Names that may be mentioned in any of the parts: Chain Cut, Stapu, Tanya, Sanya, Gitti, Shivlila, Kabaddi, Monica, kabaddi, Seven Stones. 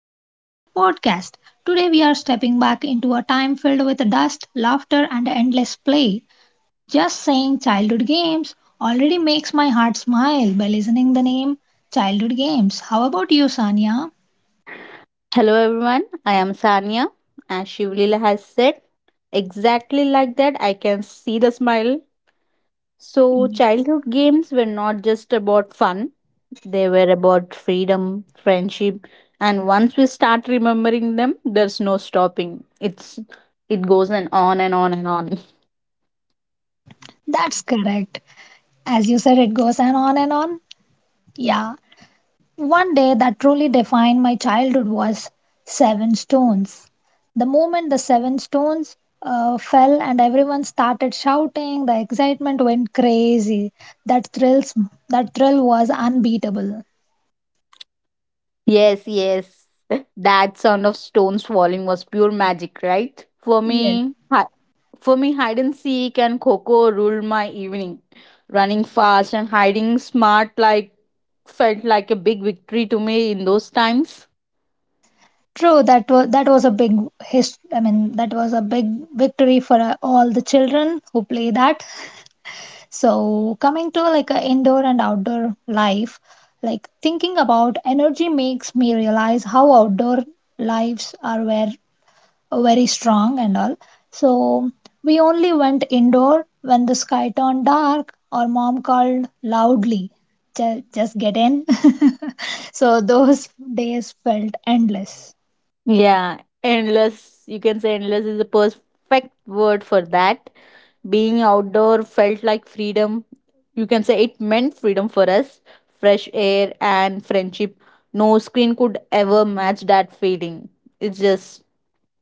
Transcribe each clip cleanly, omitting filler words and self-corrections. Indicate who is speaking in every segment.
Speaker 1: Welcome to our podcast. Today we are stepping back into a time filled with dust, laughter, and endless play. Just saying childhood games already makes my heart smile by listening the name childhood games. How about you, Sanya?
Speaker 2: Hello everyone, I am Sanya. As Shivlila has said, exactly like that, I can see the smile. So, childhood games were not just about fun, they were about freedom, friendship, and once we start remembering them, there's no stopping. It goes and on and on and on.
Speaker 1: That's correct. As you said, it goes on and on and on. Yeah, One day that truly defined my childhood was Seven Stones. The moment the Seven Stones fell and everyone started shouting, the excitement went crazy. That thrills, that thrill was unbeatable.
Speaker 2: Yes, yes. That sound of stones falling was pure magic, right?
Speaker 1: Yes.
Speaker 2: For me, hide and seek and Coco ruled my evening. Running fast and hiding smart like felt like a big victory to me in those times.
Speaker 1: True, that was a big his. I mean, that was a big victory for all the children who play that. So, coming to like a indoor and outdoor life, like thinking about energy makes me realize how outdoor lives are very, very strong and all. So, we only went indoor when the sky turned dark or mom called loudly, Just get in. So, those days felt endless.
Speaker 2: Yeah, endless. You can say endless is the perfect word for that. Being outdoor felt like freedom. You can say it meant freedom for us, fresh air and friendship. No screen could ever match that feeling. It's just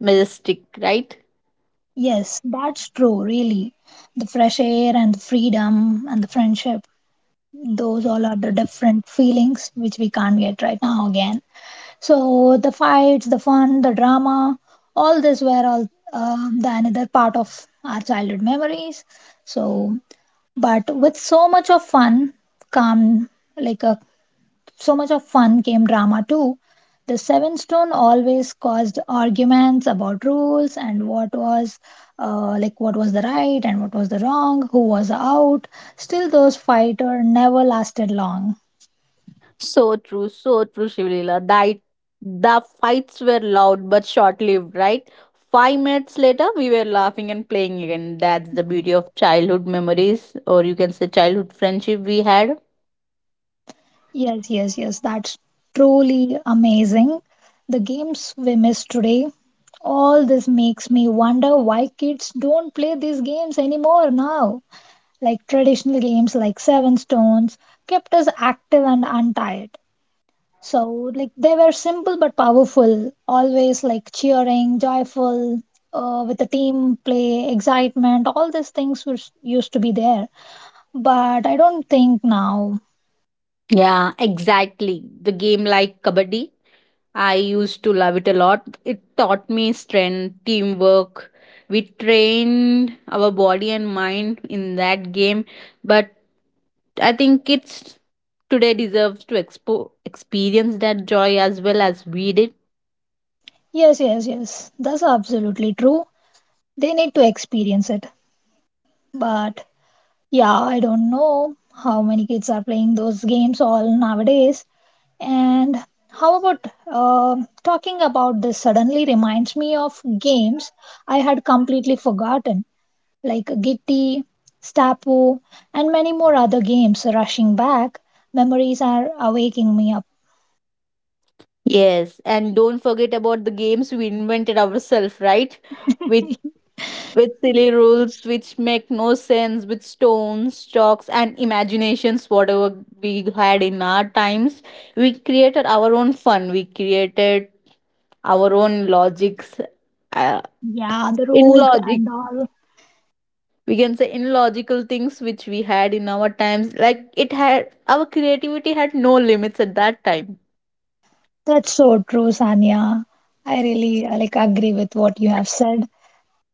Speaker 2: majestic, right?
Speaker 1: Yes, that's true, really. The fresh air and the freedom and the friendship, those all are the different feelings which we can't get right now again. So the fights, the fun, the drama, all this were all the another part of our childhood memories. So but with so much of fun come like a so much of fun came drama too. The Seven Stone always caused arguments about rules and what was like what was the right and what was the wrong, who was out. Still, those fighter never lasted long.
Speaker 2: So true, Shivlila. That The fights were loud but short-lived, right? 5 minutes later, we were laughing and playing again. That's the beauty of childhood memories, or you can say childhood friendship we had.
Speaker 1: Yes, yes, yes, that's truly amazing. The games we miss today. All this makes me wonder why kids don't play these games anymore now. Like traditional games like Seven Stones kept us active and untired. So, like, they were simple but powerful, always like cheering, joyful, with the team play, excitement, all these things was, used to be there. But I don't think now.
Speaker 2: Yeah, exactly. The game like kabaddi, I used to love it a lot. It taught me strength, teamwork. We trained our body and mind in that game, but I think kids today deserves to experience that joy as well as we did.
Speaker 1: Yes, yes, yes, that's absolutely true. They need to experience it. But yeah, I don't know how many kids are playing those games all nowadays. And how about talking about this suddenly reminds me of games I had completely forgotten. Like Gitti, Stapu, and many more other games rushing back. Memories are waking me up.
Speaker 2: Yes, and don't forget about the games we invented ourselves, right? With with silly rules which make no sense, with stones, chalks, and imaginations, whatever we had in our times, we created our own fun. We created our own logics, uh,
Speaker 1: Yeah, the
Speaker 2: in
Speaker 1: rules
Speaker 2: logic
Speaker 1: and all.
Speaker 2: we can say illogical things which we had in our times, like it had, our creativity had no limits at that time.
Speaker 1: That's so true, Sanya. I really like agree with what you have said.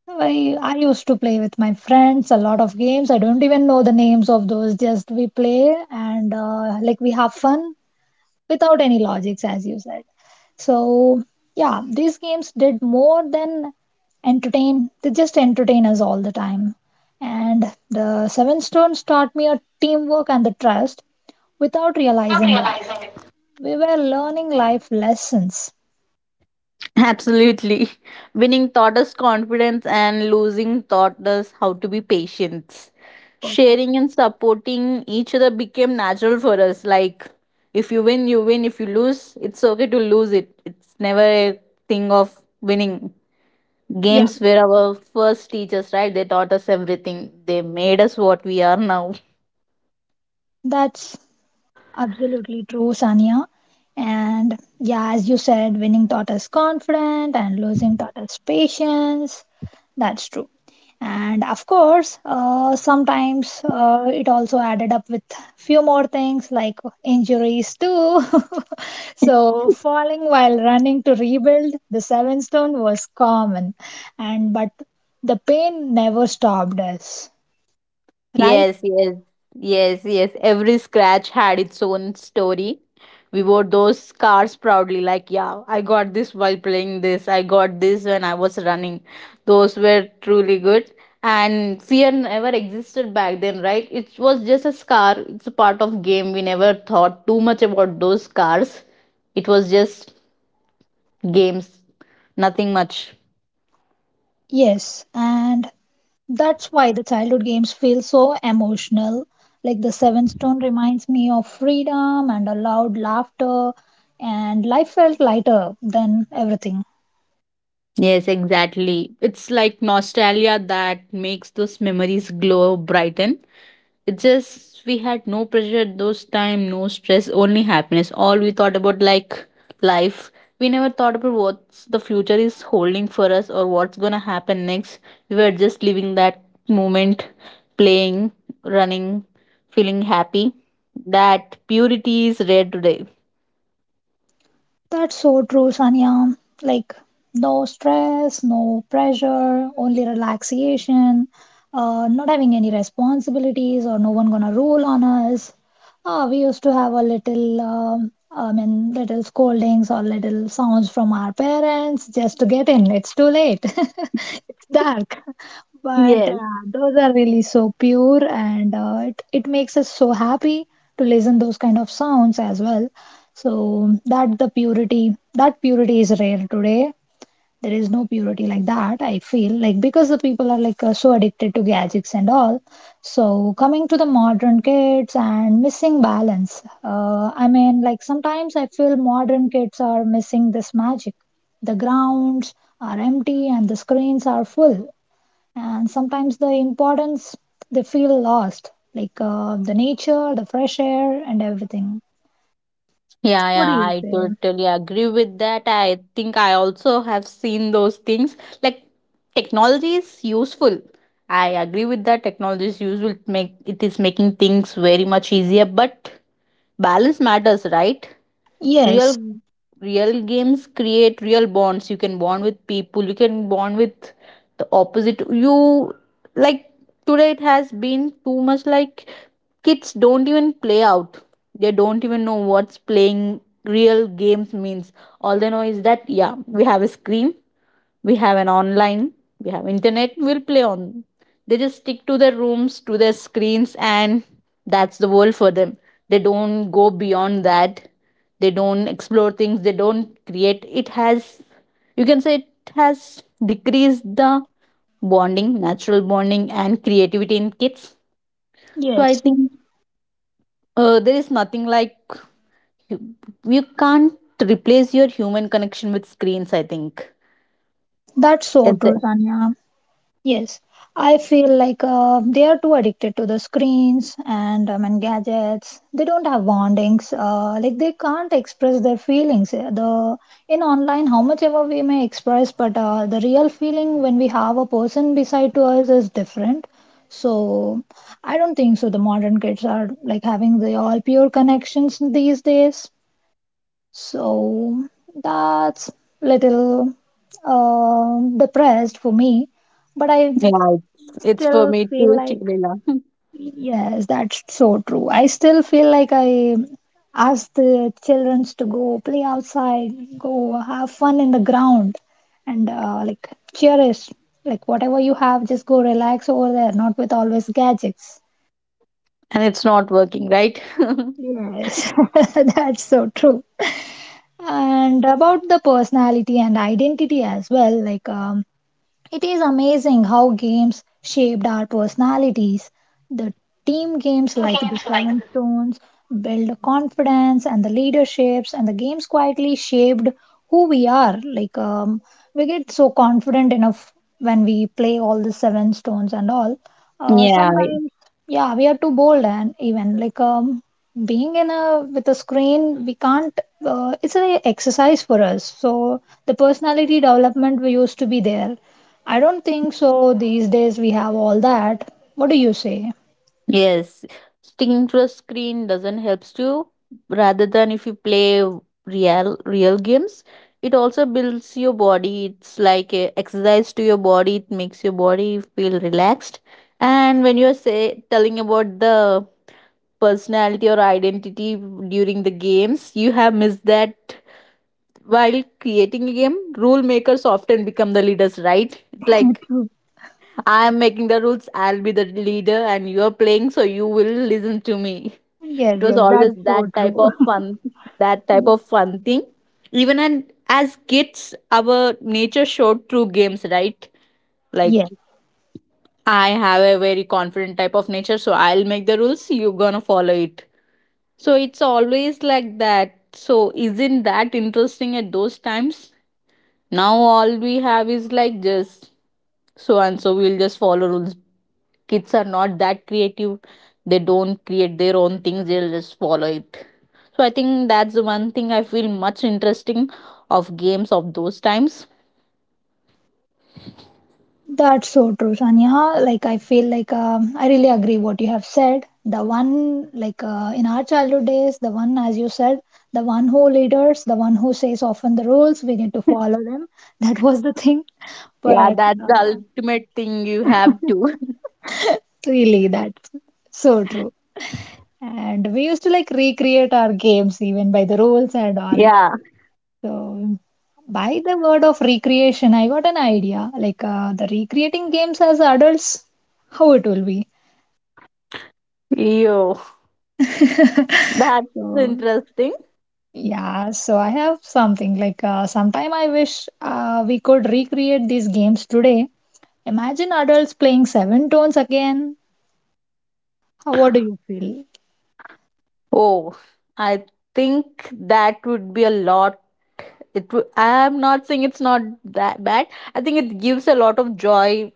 Speaker 1: I used to play with my friends a lot of games. I don't even know the names of those. Just we play and like we have fun without any logics, as you said. So, yeah, these games did more than entertain, they just entertain us all the time. And the Seven Stones taught me a teamwork and the trust without realizing it. We were learning life lessons.
Speaker 2: Absolutely. Winning taught us confidence and losing taught us how to be patient. Sharing and supporting each other became natural for us, like if you win, you win, if you lose, it's okay to lose it. It's never a thing of winning.
Speaker 1: Yeah,
Speaker 2: Games were our first teachers, right? They taught us everything, they made us what we are now.
Speaker 1: that's absolutely true, Sanya. And yeah, as you said, winning taught us confidence and losing taught us patience. That's true. And of course, sometimes it also added up with few more things like injuries too. So falling while running to rebuild the seven stone was common, and but the pain never stopped us, right?
Speaker 2: Yes, yes, yes, yes. Every scratch had its own story. We wore those cars proudly, like, yeah, I got this while playing this, I got this when I was running. Those were truly good. And fear never existed back then, right? It was just a scar. It's a part of game. We never thought too much about those scars. It was just games, nothing much.
Speaker 1: Yes, and that's why the childhood games feel so emotional. Like the Seven Stone reminds me of freedom and a loud laughter, and life felt lighter than everything.
Speaker 2: Yes, exactly. It's like nostalgia that makes those memories glow brighten. It just we had no pressure at those time, no stress, only happiness. All we thought about like life. We never thought about what the future is holding for us or what's gonna happen next. We were just living that moment, playing, running, feeling happy. That purity is rare today.
Speaker 1: That's so true, Sanya. Like, no stress, no pressure, only relaxation, not having any responsibilities or no one gonna rule on us. We used to have a little, I mean, little scoldings or little sounds from our parents just to get in. It's too late. It's dark. But
Speaker 2: Yes.
Speaker 1: those are really so pure and it makes us so happy to listen those kind of sounds as well. So that the purity, that purity is rare today. There is no purity like that, I feel like because the people are like so addicted to gadgets and all. So coming to the modern kids and missing balance. I mean, like sometimes I feel modern kids are missing this magic. The grounds are empty and the screens are full, and sometimes the importance they feel lost, like the nature, the fresh air, and everything.
Speaker 2: Yeah,
Speaker 1: What do
Speaker 2: yeah,
Speaker 1: you
Speaker 2: I
Speaker 1: say?
Speaker 2: totally agree with that. I think I also have seen those things. Like technology is useful. I agree with that. Technology is useful. It Make it is making things very much easier, but balance matters, right? real
Speaker 1: Yes,
Speaker 2: real games create real bonds. You can bond with people, you can bond with the opposite you, like today it has been too much, like kids don't even play out, they don't even know what's playing, real games means. All they know is that, yeah, we have a screen, we have an online, we have internet, we'll play on. They just stick to their rooms, to their screens, and that's the world for them. They don't go beyond that, they don't explore things, they don't create. It has, you can say it has decreased the bonding, natural bonding and creativity in kids. So I
Speaker 1: yes,
Speaker 2: think, there is nothing like, you, you can't replace your human connection with screens, I think.
Speaker 1: that's so
Speaker 2: At
Speaker 1: true,
Speaker 2: the-
Speaker 1: Tanya. Yes, I feel like they are too addicted to the screens and gadgets. They don't have bondings. Like they can't express their feelings. The in online, how much ever we may express, but the real feeling when we have a person beside to us is different. So I don't think so. The modern kids are like having the all pure connections these days. So that's little depressed for me, but I
Speaker 2: yeah, it's for
Speaker 1: still
Speaker 2: me too,
Speaker 1: feel like
Speaker 2: Shivlila.
Speaker 1: yes, that's so true. I still feel like I ask the children to go play outside, go have fun in the ground, and like cherish like whatever you have, just go relax over there, not with always gadgets.
Speaker 2: And it's not working, right?
Speaker 1: Yes, that's so true. And about the personality and identity as well, like it is amazing how games shaped our personalities. The team games like the Seven Stones build the confidence and the leaderships, and the games quietly shaped who we are. Like, we get so confident enough when we play all the Seven Stones and all.
Speaker 2: Yeah.
Speaker 1: Sometimes, yeah, we are too bold, and even like, being in a with a screen we can't it's an exercise for us. So the personality development we used to be there. I don't think so. These days we have all that. What do you say?
Speaker 2: Yes, sticking to a screen doesn't helps you. Rather than if you play real games, it also builds your body. It's like a exercise to your body. It makes your body feel relaxed. And when you're say telling about the personality or identity during the games, you have missed that. While creating a game, rule makers often become the leaders, right? It's like
Speaker 1: True.
Speaker 2: I'm making the rules, I'll be the leader, and you're playing, so you will listen to me.
Speaker 1: Yes,
Speaker 2: It was
Speaker 1: yes,
Speaker 2: always
Speaker 1: that's
Speaker 2: that
Speaker 1: so
Speaker 2: type
Speaker 1: true.
Speaker 2: of fun, that type of fun thing. Even and as kids, our nature showed through games, right?
Speaker 1: Yes.
Speaker 2: Like I have a very confident type of nature, so I'll make the rules, you're gonna follow it. So it's always like that. So isn't that interesting at those times? Now all we have is like just so and so, we'll just follow rules. Kids are not that creative, they don't create their own things, they'll just follow it. So I think that's the one thing I feel much interesting of games of those times.
Speaker 1: That's so true, Sanya. Like I feel like I really agree what you have said. The one like in our childhood days, the one as you said, the one who leaders, the one who says often the rules we need to follow them. That was the thing.
Speaker 2: Yeah,
Speaker 1: But
Speaker 2: that's the ultimate thing you have to.
Speaker 1: really, that's so true. And we used to like recreate our games even by the rules and all.
Speaker 2: Yeah,
Speaker 1: So, by the word of recreation, I got an idea. Like the recreating games as adults, how it will be.
Speaker 2: you. That's
Speaker 1: So,
Speaker 2: interesting.
Speaker 1: yeah, so I have something like sometime I wish we could recreate these games today. Imagine adults playing seven tones again. How, what do you feel?
Speaker 2: Oh, I think that would be a lot. I'm not saying it's not that bad. I think it gives a lot of joy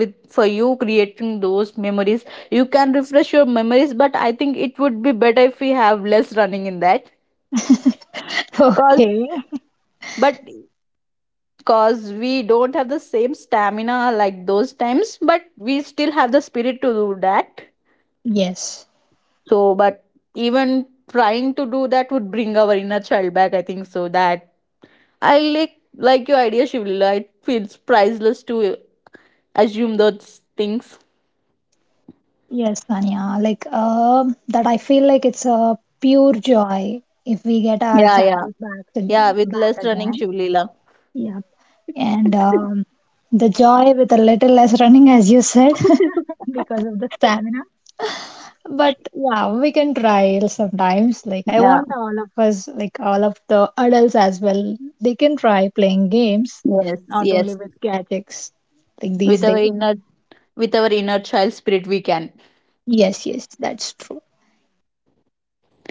Speaker 2: with for you creating those memories. You can refresh your memories, but I think it would be better if we have less running in that. Cause,
Speaker 1: Okay.
Speaker 2: but cause we don't have the same stamina like those times, but we still have the spirit to do that.
Speaker 1: Yes.
Speaker 2: So but even trying to do that would bring our inner child back, I think. So that, I like your idea, Shivlila. It feels priceless to assume those things.
Speaker 1: Yes, Tanya. Like that, I feel like it's a pure joy if we get our
Speaker 2: Yeah, yeah,
Speaker 1: childhood back to,
Speaker 2: yeah. With
Speaker 1: back
Speaker 2: less running,
Speaker 1: again.
Speaker 2: Shivlila.
Speaker 1: Yep. And the joy with a little less running, as you said, because of the stamina. But yeah, we can try sometimes. Like I
Speaker 2: Yeah.
Speaker 1: want all of us, like all of the adults as well, they can try playing games,
Speaker 2: Yes.
Speaker 1: not only
Speaker 2: Yes.
Speaker 1: with gadgets, like
Speaker 2: With
Speaker 1: these
Speaker 2: our
Speaker 1: days.
Speaker 2: inner, with our inner child spirit, we can.
Speaker 1: Yes, yes, that's true.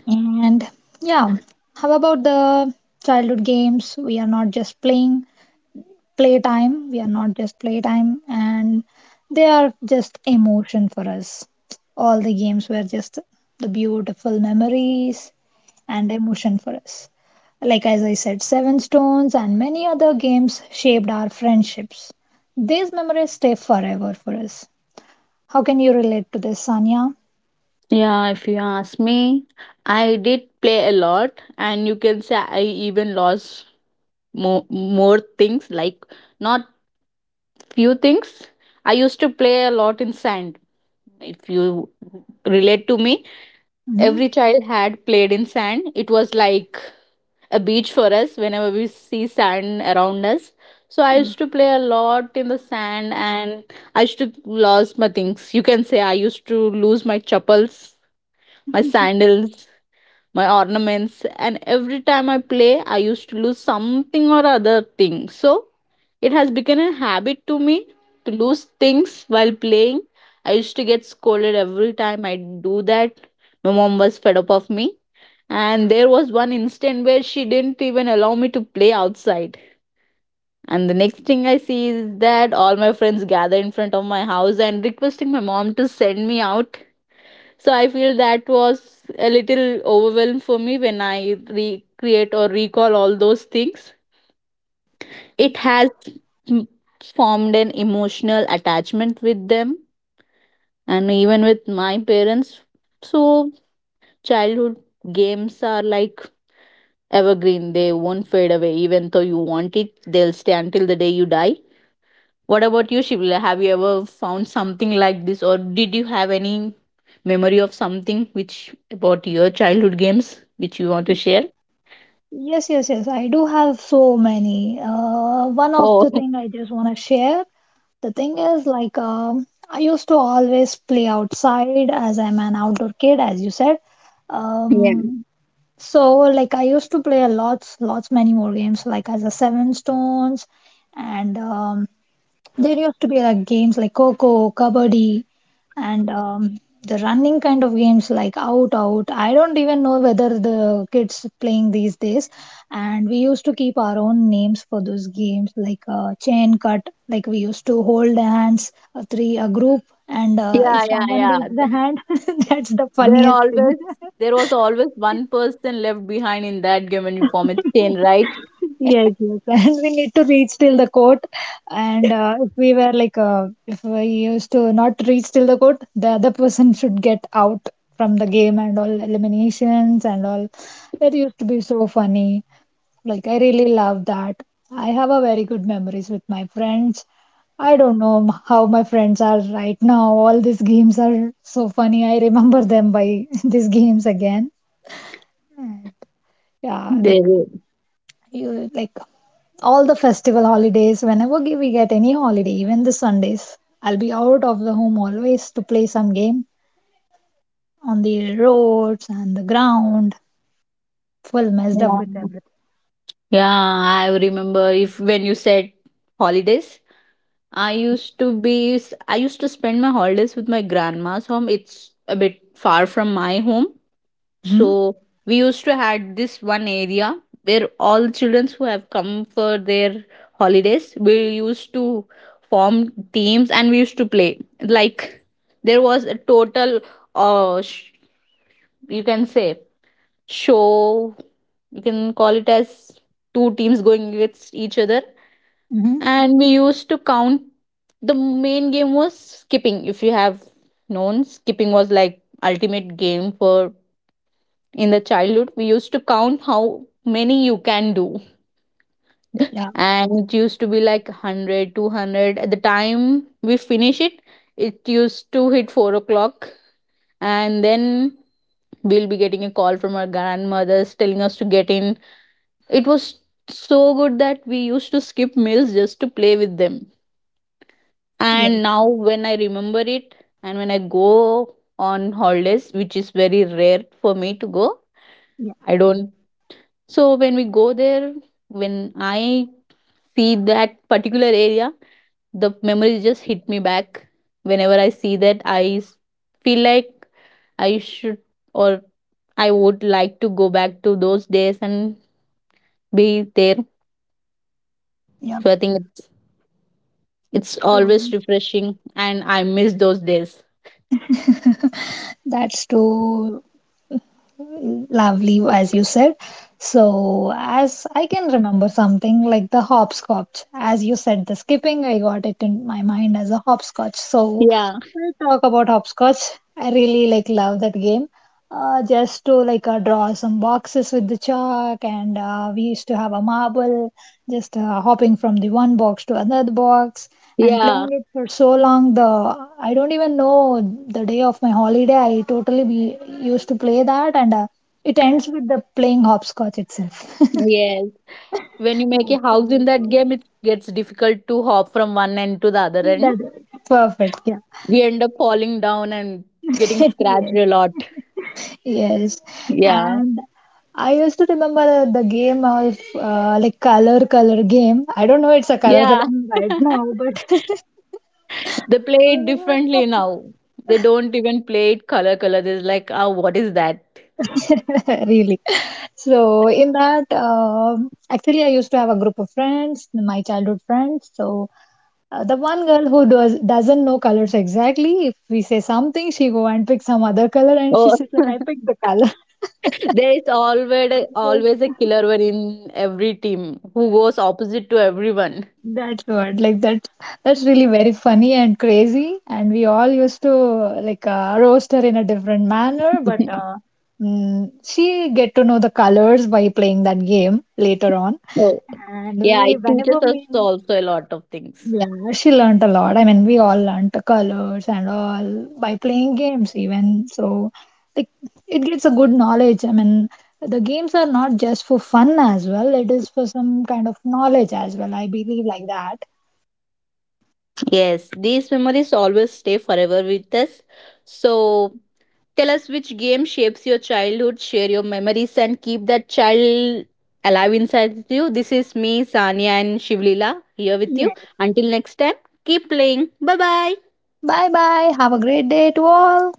Speaker 1: And yeah, how about the childhood games? We are not just playing playtime, we are not just playtime, and they are just emotion for us. All the games were just the beautiful memories and emotion for us. Like, as I said, Seven Stones and many other games shaped our friendships. These memories stay forever for us. How can you relate to this, Sanya?
Speaker 2: Yeah, if you ask me, I did play a lot, and you can say I even lost more things, like not few things. I used to play a lot in sand. If you relate to me,
Speaker 1: Hmm.
Speaker 2: every child had played in sand. It was like a beach for us whenever we see sand around us. So I used to play a lot in the sand, and I used to lose my things. You can say I used to lose my chappals, my sandals, my ornaments, and every time I play, I used to lose something or other thing. So it has become a habit to me to lose things while playing. I used to get scolded every time I do that. My mom was fed up of me, and there was one instant where she didn't even allow me to play outside. And the next thing I see is that all my friends gather in front of my house and requesting my mom to send me out. So I feel that was a little overwhelmed for me when I recreate or recall all those things. It has m- formed an emotional attachment with them, and even with my parents. So childhood games are like evergreen, they won't fade away. Even though you want it, they'll stay until the day you die. What about you, Shivla? Have you ever found something like this, or did you have any memory of something which, about your childhood games, which you want to share?
Speaker 1: Yes, yes, yes. I do have so many. One of the
Speaker 2: Oh.
Speaker 1: thing I just want to share. The thing is, like, I used to always play outside as I'm an outdoor kid, as you said.
Speaker 2: Yeah,
Speaker 1: Um, so like I used to play a lots, lots many more games, like as a Seven Stones and there used to be like games like Coco, Kabaddi, and the running kind of games like Out Out. I don't even know whether the kids playing these days. And we used to keep our own names for those games like Chain Cut. Like we used to hold hands, a three a group, and
Speaker 2: yeah,
Speaker 1: if
Speaker 2: yeah,
Speaker 1: someone
Speaker 2: yeah.
Speaker 1: leaves the hand, that's the
Speaker 2: there
Speaker 1: funniest thing.
Speaker 2: always there was always one person left behind in that game and you form a chain, right?
Speaker 1: Yes, yes, and we need to reach till the court. And if we were like, if we used to not reach till the court, the other person should get out from the game and all eliminations and all. That used to be so funny. Like, I really love that. I have a very good memories with my friends. I don't know how my friends are right now. All these games are so funny. I remember them by these games again. And yeah,
Speaker 2: There
Speaker 1: like
Speaker 2: is.
Speaker 1: you like all the festival holidays, whenever we get any holiday, even the Sundays, I'll be out of the home always to play some game on the roads and the ground, full messed up
Speaker 2: Yeah,
Speaker 1: with everything.
Speaker 2: yeah, I remember if when you said holidays, I used to spend my holidays with my grandma's home. It's a bit far from my home.
Speaker 1: Hmm.
Speaker 2: So we used to had this one area where all the children who have come for their holidays, we used to form teams and we used to play. Like there was a total uh sh- you can say show, you can call it as two teams going against each other,
Speaker 1: Hmm.
Speaker 2: and we used to count. The main game was skipping. If you have known, skipping was like ultimate game for, in the childhood, we used to count how many you can do.
Speaker 1: Yeah,
Speaker 2: And it used to be like 100, 200. At the time we finish it, it used to hit 4 o'clock, and then we'll be getting a call from our grandmothers telling us to get in. It was so good that we used to skip meals just to play with them.
Speaker 1: yes,
Speaker 2: And now, when I remember it, and when I go on holidays, which is very rare for me to go,
Speaker 1: yeah,
Speaker 2: I don't. So, when we go there, when I see that particular area, the memories just hit me back. Whenever I see that, feel like I should, or I would like to go back to those days and be there.
Speaker 1: yeah.
Speaker 2: So, it's
Speaker 1: So
Speaker 2: always refreshing, and I miss those days.
Speaker 1: that's true. Lovely, as you said. So, as I can remember something like the hopscotch, as you said, the skipping, I got it in my mind as a hopscotch. So,
Speaker 2: Yeah,
Speaker 1: we'll talk about hopscotch. I really like love that game, just to like draw some boxes with the chalk and we used to have a marble just hopping from the one box to another box and
Speaker 2: yeah,
Speaker 1: playing it for so long. The I don't even know the day of my holiday I totally be, used to play that and it ends with the playing hopscotch itself.
Speaker 2: yes. When you make
Speaker 1: That
Speaker 2: a house in
Speaker 1: sounds
Speaker 2: that
Speaker 1: like
Speaker 2: game, it gets difficult to hop from one end to the other end.
Speaker 1: that. Perfect, yeah.
Speaker 2: We end up falling down and getting scratched a lot.
Speaker 1: Yes,
Speaker 2: Yeah,
Speaker 1: and I used to remember the game of like color color game. I don't know it's a color
Speaker 2: yeah.
Speaker 1: color right now, but
Speaker 2: They play it differently now. They don't even play it color color. They're like, oh, what is that?
Speaker 1: really. So in that, actually, I used to have a group of friends, my childhood friends. So the one girl who doesn't know colors exactly, if we say something, she go and pick some other color, and she
Speaker 2: Oh.
Speaker 1: says like, "I picked the color."
Speaker 2: There is always always a killer one in every team who goes opposite to everyone.
Speaker 1: That's what, like that. That's really very funny and crazy. And we all used to like roast her in a different manner, but she get to know the colors by playing that game later on.
Speaker 2: Oh.
Speaker 1: And
Speaker 2: Yeah,
Speaker 1: we,
Speaker 2: it
Speaker 1: whenever
Speaker 2: teaches us
Speaker 1: we,
Speaker 2: also a lot of things.
Speaker 1: yeah, she learnt a lot. I mean, we all learnt the colors and all by playing games even. So, like, it gets a good knowledge. I mean, the games are not just for fun as well. It is for some kind of knowledge as well. I believe like that.
Speaker 2: Yes, these memories always stay forever with us. So tell us which game shapes your childhood, share your memories, and keep that child alive inside you. This is me, Sanya, and Shivlila here with you. Until next time, keep playing. Bye bye.
Speaker 1: Bye bye. Have a great day to all.